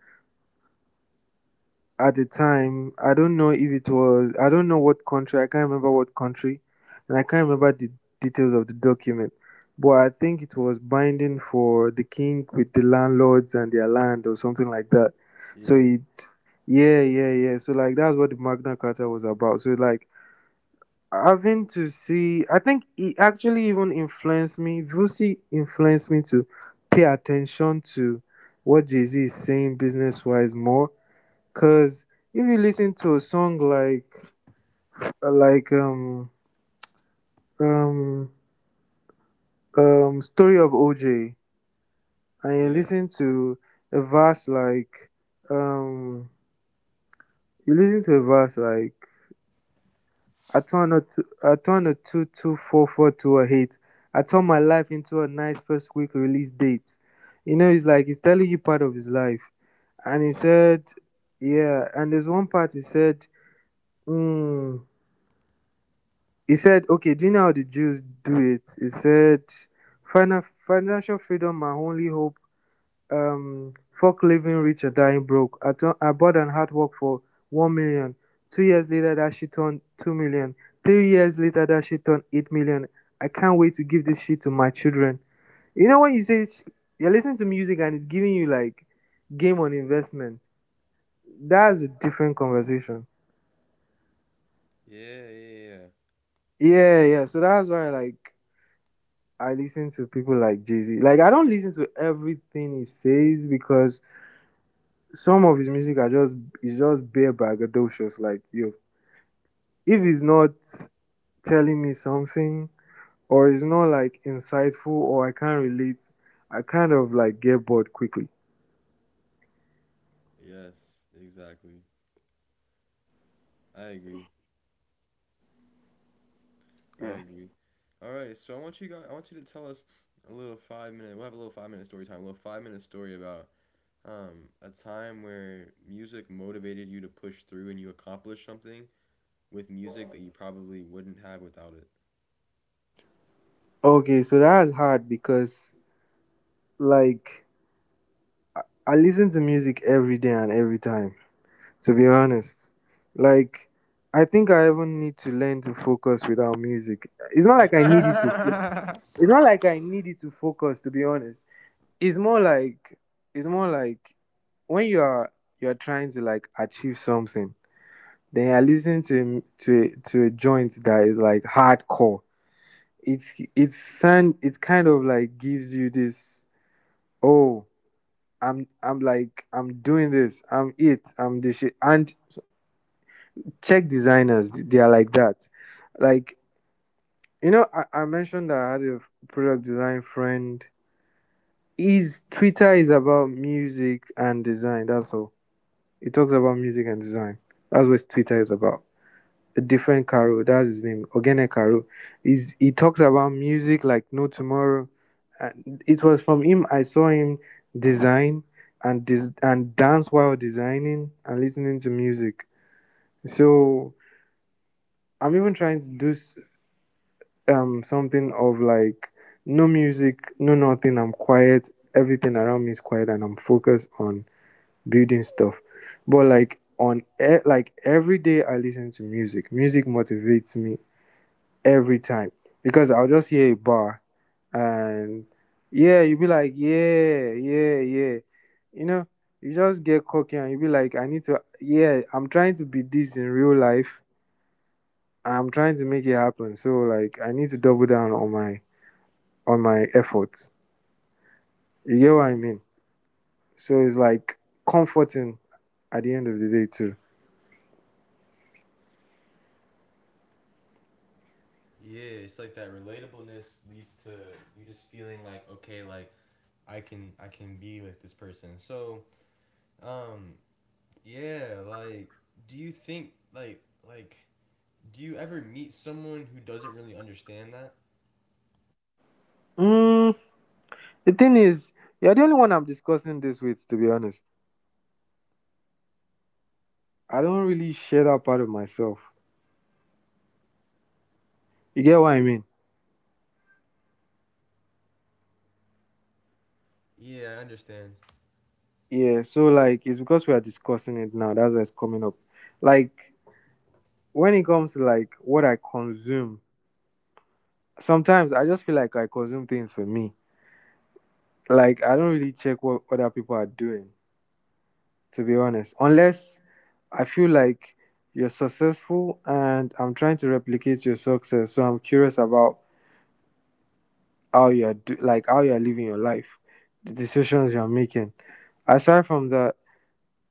Speaker 2: at the time. I don't know if it was, I don't know what country, I can't remember what country, and I can't remember the details of the document. But I think it was binding for the king with the landlords and their land or something like that. So
Speaker 1: Yeah.
Speaker 2: it, yeah, yeah, yeah. So like that's what the Magna Carta was about. So like having to see, I think it actually even influenced me. Vusi influenced me to pay attention to what Jay Z is saying business wise more. Cause if you listen to a song like like um um um Story of O J, and you
Speaker 1: Yeah.
Speaker 2: listen to a verse like um you listen to a verse like I turn a two, I turn a two two four four to a hate. I turn my life into a nice first week release date. You know, it's like he's telling you part of his life. And he
Speaker 1: Yeah.
Speaker 2: said, yeah, and there's one part he said, mm, he said, okay, do you know how the Jews do it? He said, Final, financial freedom, my only hope. Um, fuck living rich or dying broke. I, tu- I bought and hard work for 1 million. Two years later, that shit turned 2 million. Three years later, that shit turned 8 million. I can't wait to give this shit to my children. You know, when you say sh- you're listening to music and it's giving you like game on investment. That's a different conversation.
Speaker 1: Yeah, yeah, yeah.
Speaker 2: Yeah, yeah. So that's why, like, I listen to people like Jay Z. Like I don't listen to everything he says because some of his music are just is just bare braggadocious. Like yo, if he's not telling me something, or it's not like insightful or I can't relate, I kind of like get bored quickly.
Speaker 1: Yes, exactly. I agree. I
Speaker 2: Yeah.
Speaker 1: agree. All right, so I want you guys I want you to tell us a little five minute. We'll have a little five minute story time, a little five minute story about um a time where music motivated you to push through and you accomplished something with music that you probably wouldn't have without
Speaker 2: Okay, so that's hard because like I listen to music every day and every time. To be honest, like I think I even need to learn to focus without music. It's not like I need it to focus.
Speaker 1: it. *laughs*
Speaker 2: It's not like I need it to focus, to be honest. It's more like it's more like when you are you're trying to like achieve something, then you're listening to to to a joint that is like hardcore. It's it's sound, it kind of like gives you this, oh I'm I'm like I'm doing this, I'm it I'm this shit. And Czech designers, they are like that. Like you know I, I mentioned that I had a product design friend. His Twitter is about music and design. That's all. He talks about music and design. That's what his Twitter is about. A different Karo. That's his name. Ogene Karo. He's, he talks about music like no tomorrow. And it was from him I saw him design and dis- and dance while designing and listening to music. So I'm even trying to do um something of like no music, no nothing. I'm quiet. Everything around me is quiet, and I'm focused on building stuff. But like on e- like every day I listen to music. Music motivates me every time because I'll just hear a bar, and yeah, you'll be like, yeah, yeah, yeah. You know, you just get cocky and you'll be like, I need to, yeah, I'm trying to be this in real life. I'm trying to make it happen. So like I need to double down on my on my efforts. You get what I mean? So it's like comforting at the end of the day too.
Speaker 1: Yeah, it's like that relatableness leads to you just feeling like, okay, like, I can I can be with this person. So, um yeah, like, do you think like like do you ever meet someone who doesn't really understand that?
Speaker 2: Mm. The thing is, you're the only one I'm discussing this with, to be honest. I don't really share that part of myself. You get what I mean?
Speaker 1: Yeah, I understand.
Speaker 2: Yeah, so like it's because we are discussing it now. That's why it's coming up. Like when it comes to like what I consume, sometimes I just feel like I consume things for me. Like I don't really check what other people are doing, to be honest. Unless I feel like you're successful and I'm trying to replicate your success, so I'm curious about how you're do- like how you're living your life, the decisions you're making. Aside from that,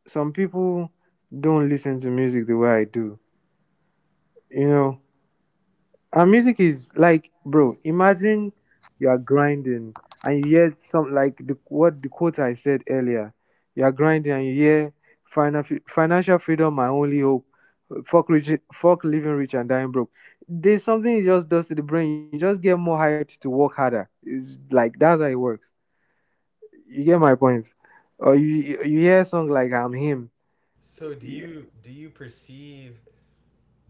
Speaker 2: some people don't listen to music the way I do. You know, and music is like, bro, imagine you are grinding and you hear some like the what the quote I said earlier. You are grinding and you hear final, financial freedom, my only hope. Fuck rich, fuck living rich and dying broke. There's something it just does to the brain. You just get more hyped to work harder. It's like that's how it works. You get my point. Or you you you hear a song like I'm Him.
Speaker 1: So, do you do you perceive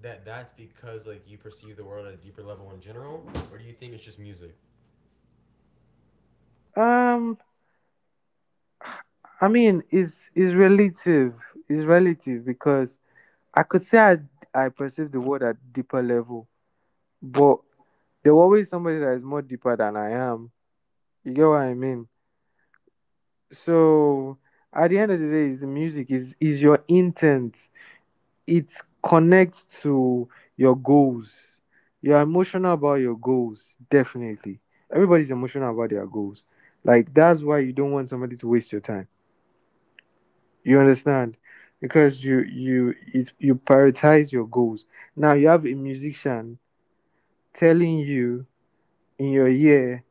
Speaker 1: that that's because, like, you perceive the world at a deeper level in general or do you think it's just music?
Speaker 2: Um I mean, it's it's relative. It's relative because I could say I I perceive the world at deeper level, but there will always somebody that is more deeper than I am. You get what I mean? So at the end of the day, is the music, is is your intent. It connects to your goals. You're emotional about your goals, definitely. Everybody's emotional about their goals. Like that's why you don't want somebody to waste your time. You understand? Because you you it's, you prioritize your goals. Now you have a musician telling you in your ear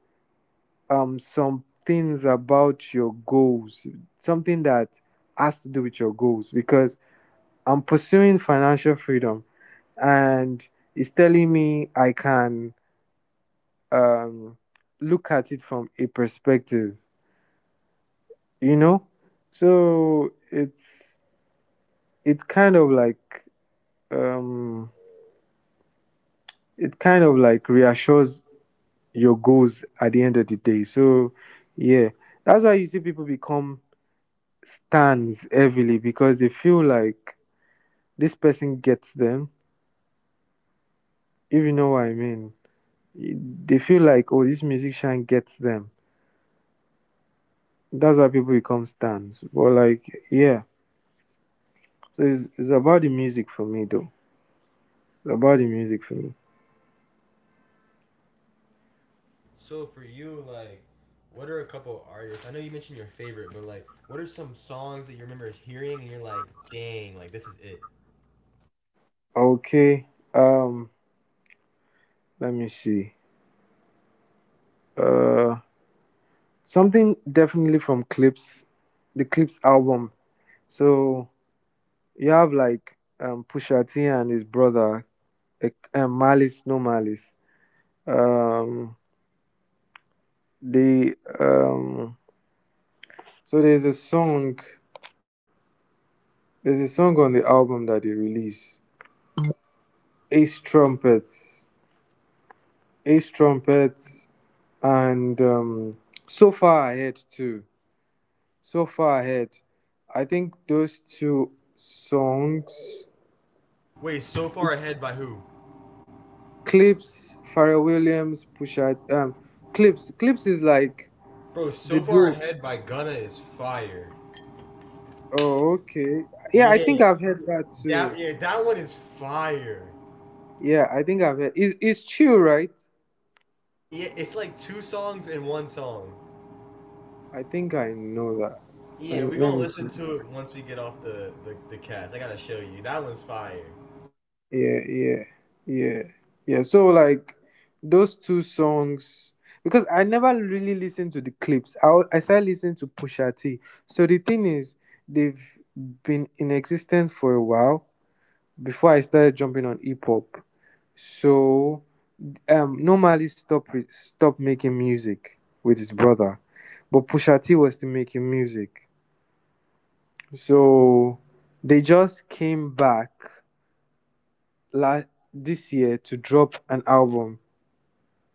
Speaker 2: um some things about your goals, something that has to do with your goals. Because I'm pursuing financial freedom, and it's telling me I can, um, look at it from a perspective, you know. So it's it's kind of like um, it kind of like reassures your goals at the end of the day. So yeah, that's why you see people become stands heavily, because they feel like this person gets them. If you know what I mean, they feel like, oh, this musician gets them that's why people become stans. But like, yeah. So it's it's about the music for me though. It's about the music for me.
Speaker 1: So for you, like, what are a couple artists? I know you mentioned your favorite, but, like, what are some songs that you remember hearing and you're like, dang, like, this is it?
Speaker 2: Okay. Um. Let me see. Uh. Something definitely from Clips, the Clips album. So you have like um Pusha T and his brother, eh, um, Malice, No Malice. Um. They. um. So there's a song. There's a song on the album that they release. Ace Trumpets Ace Trumpets, and um, So Far Ahead too. So Far Ahead. I think those two songs.
Speaker 1: Wait, so far ahead by who?
Speaker 2: Clips, Pharrell Williams, Pusha, um, Clips. Clips is like
Speaker 1: Bro,
Speaker 2: the
Speaker 1: so far
Speaker 2: duo.
Speaker 1: ahead by Gunna is fire.
Speaker 2: Oh, okay. Yeah, I
Speaker 1: Yeah,
Speaker 2: think I've heard that
Speaker 1: that
Speaker 2: too.
Speaker 1: yeah, that one is fire.
Speaker 2: Yeah, I think I've heard. Is is chill, right?
Speaker 1: Yeah, it's like two songs in one song.
Speaker 2: I think I know that. Let
Speaker 1: Yeah,
Speaker 2: me,
Speaker 1: we
Speaker 2: let
Speaker 1: gonna
Speaker 2: me.
Speaker 1: listen to it once we get off the the, the cast. I gotta show you. That one's fire.
Speaker 2: Yeah, yeah, yeah, yeah. So like those two songs, because I never really listened to the Clips, i, wa- I started listening to Pusha T. So the thing is, they've been in existence for a while before I started jumping on hip-hop. So, um normally stop re- stop making music with his brother, but Pusha T was still making music. So they just came back Last this year to drop an album.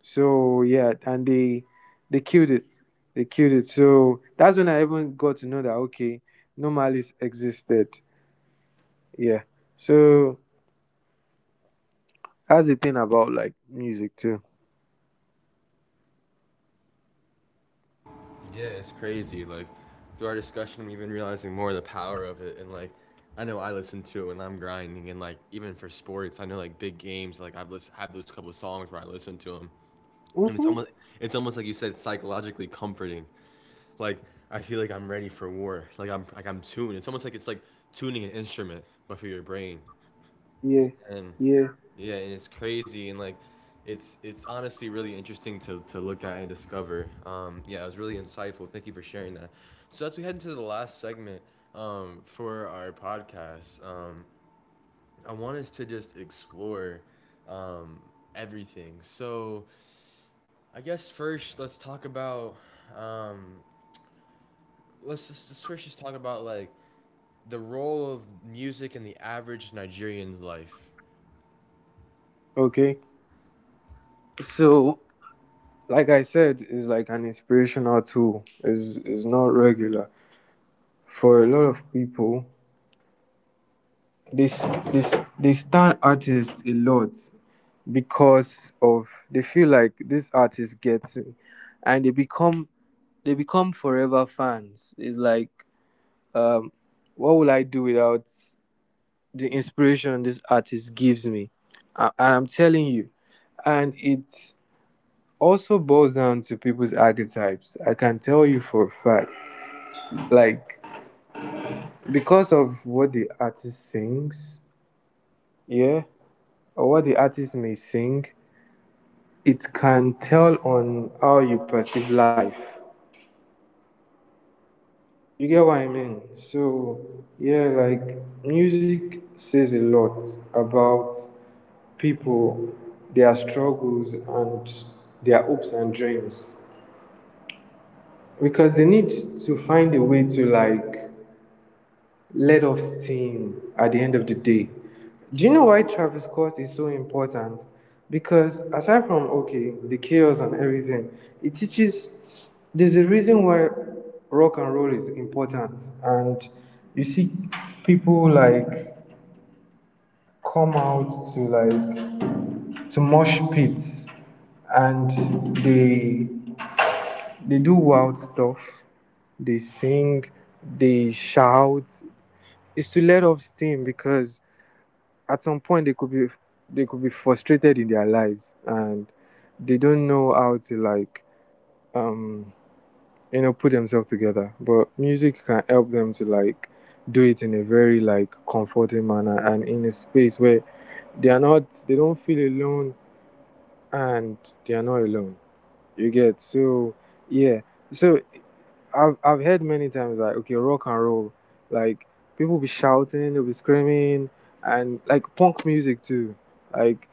Speaker 2: So yeah, and they they killed it. They killed it. So that's when I even got to know that, okay, No Malice existed. Yeah. So that's the thing about like music too.
Speaker 1: Yeah, it's crazy. Like through our discussion, I'm even realizing more the power of it. And like, I know I listen to it when I'm grinding, and like even for sports, I know like big games. Like I've list- have those couple of songs where I listen to them, and it's
Speaker 2: Mm-hmm.
Speaker 1: almost it's almost like you said, it's psychologically comforting. Like I feel like I'm ready for war. Like I'm like I'm tuned. It's almost like it's like tuning an instrument, but for your brain.
Speaker 2: Yeah.
Speaker 1: And
Speaker 2: Yeah.
Speaker 1: yeah, and it's crazy and like it's it's honestly really interesting to, to look at and discover. Um, yeah, it was really insightful. Thank you for sharing that. So as we head into the last segment um, for our podcast, um, I want us to just explore um, everything. So I guess first let's talk about um, let's just let's first just talk about like the role of music in the average Nigerian's life.
Speaker 2: Okay. So like I said, it's like an inspirational tool. It's it's not regular. For a lot of people, this this they stand artists a lot because of, they feel like, this artist gets me, and they become, they become forever fans. It's like, um what will I do without the inspiration this artist gives me? A- and I'm telling you, and it also boils down to people's archetypes. I can tell you for a fact, like because of what the artist sings, yeah, or what the artist may sing, it can tell on how you perceive life. You get what I mean? So, yeah, like music says a lot about people, their struggles, and their hopes and dreams, because they need to find a way to, like, let off steam at the end of the day. Do you know why Travis Scott is so important? Because aside from, okay, the chaos and everything, it teaches, there's a reason why rock and roll is important, and you see people like come out to like, to mosh pits, and they they do wild stuff, they sing, they shout. It's to let off steam because at some point they could be they could be frustrated in their lives, and they don't know how to, like, um you know put themselves together, but music can help them to, like, do it in a very like comforting manner, and in a space where they are not, they don't feel alone, and they are not alone. You get. So yeah, so i've, I've heard many times, like, okay, rock and roll, like people be shouting, they'll be screaming, and like punk music too, like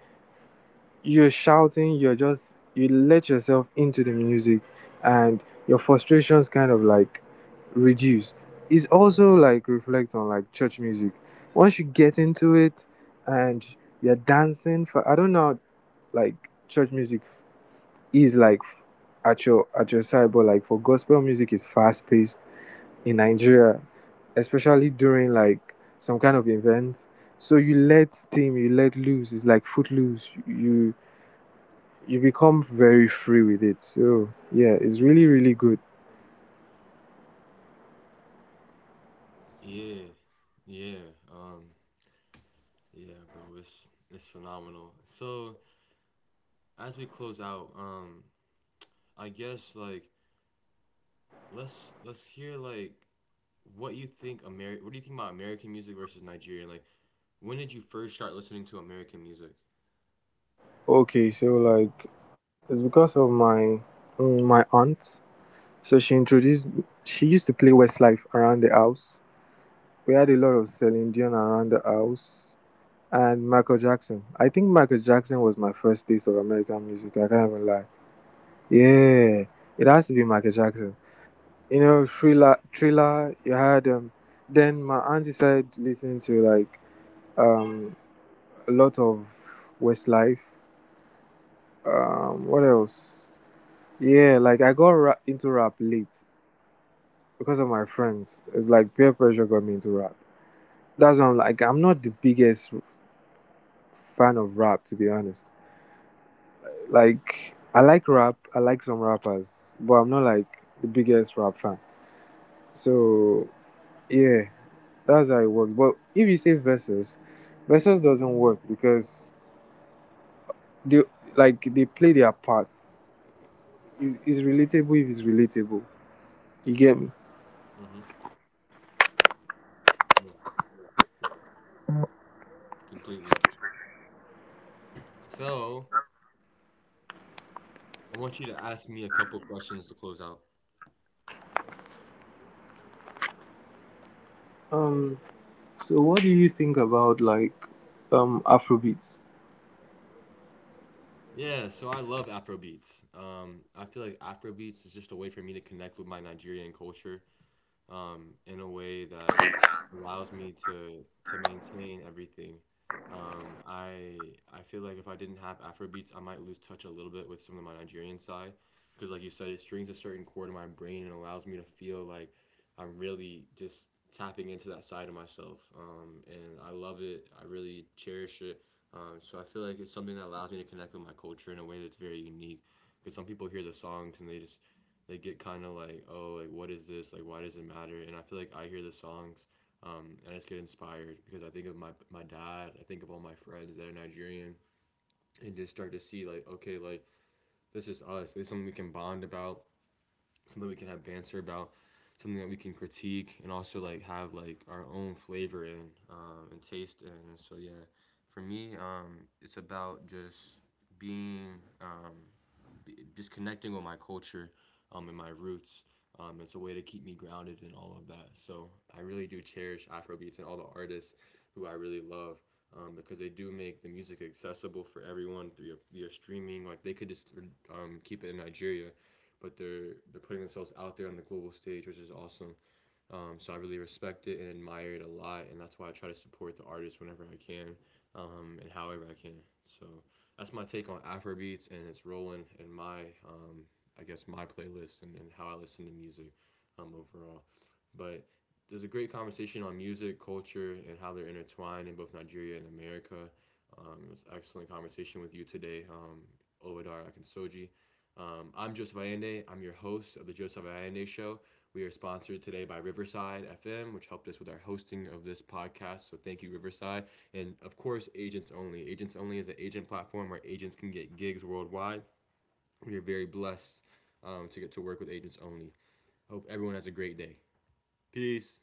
Speaker 2: you're shouting, you're just you let yourself into the music, and your frustrations kind of like reduce. It's also like reflect on like church music. Once you get into it, and you're dancing for, I don't know, like church music is like at your at your side, but like for gospel music is fast paced in Nigeria, especially during like some kind of event. So you let steam, you let loose. It's like footloose. You you become very free with it. So yeah, it's really really good.
Speaker 1: Yeah, yeah. Um, Yeah, bro, it's it's phenomenal. So as we close out, um, I guess like let's let's hear like what you think Ameri- what do you think about American music versus Nigerian? Like when did you first start listening to American music?
Speaker 2: Okay, so like it's because of my, mm, my aunt. So she introduced she used to play Westlife around the house. We had a lot of Celine Dion around the house, and Michael Jackson. I think Michael Jackson was my first taste of American music. I can't even lie. Yeah, it has to be Michael Jackson. You know, thriller, thriller. You had um. Then my auntie started listening to like um a lot of Westlife. Um, what else? Yeah, like I got ra- into rap late because of my friends. It's like peer pressure got me into rap. That's why I'm like, I'm not the biggest fan of rap, to be honest. Like I like rap, I like some rappers, but I'm not like the biggest rap fan. So yeah, that's how it works. But if you say versus, versus doesn't work because they, like they play their parts. It's, it's relatable if it's relatable. You get me?
Speaker 1: Mm-hmm. Yeah, completely. So I want you to ask me a couple questions to close out.
Speaker 2: Um, so what do you think about like um Afrobeats?
Speaker 1: Yeah, so I love Afrobeats. Um, I feel like Afrobeats is just a way for me to connect with my Nigerian culture um, in a way that allows me to to maintain everything. Um, I I feel like if I didn't have Afrobeats, I might lose touch a little bit with some of my Nigerian side because, like you said, it strings a certain chord in my brain and allows me to feel like I'm really just tapping into that side of myself. Um, and I love it. I really cherish it. Um, so I feel like it's something that allows me to connect with my culture in a way that's very unique. Because some people hear the songs and they just they get kind of like, oh, like what is this? Like why does it matter? And I feel like I hear the songs, um, and I just get inspired because I think of my my dad. I think of all my friends that are Nigerian, and just start to see like, okay, like this is us. This is something we can bond about. Something we can have banter about. Something that we can critique and also like have like our own flavor in um, and taste in. So yeah, for me, um, it's about just being um, just connecting with my culture um, and my roots. Um, it's a way to keep me grounded in all of that. So I really do cherish Afrobeats and all the artists who I really love um, because they do make the music accessible for everyone through via streaming. Like they could just um, keep it in Nigeria, but they're they're putting themselves out there on the global stage, which is awesome. Um, so I really respect it and admire it a lot, and that's why I try to support the artists whenever I can um, and however I can. So that's my take on Afrobeats and its role in, in my, um, I guess, my playlist and, and how I listen to music um, overall. But there's a great conversation on music, culture, and how they're intertwined in both Nigeria and America. Um, it was an excellent conversation with you today, um, Owodar Akinsoji. Um, I'm Joseph Allende. I'm your host of the Joseph Allende Show. We are sponsored today by Riverside F M, which helped us with our hosting of this podcast. So thank you, Riverside. And of course, Agents Only. Agents Only is an agent platform where agents can get gigs worldwide. We are very blessed um, to get to work with Agents Only. Hope everyone has a great day. Peace.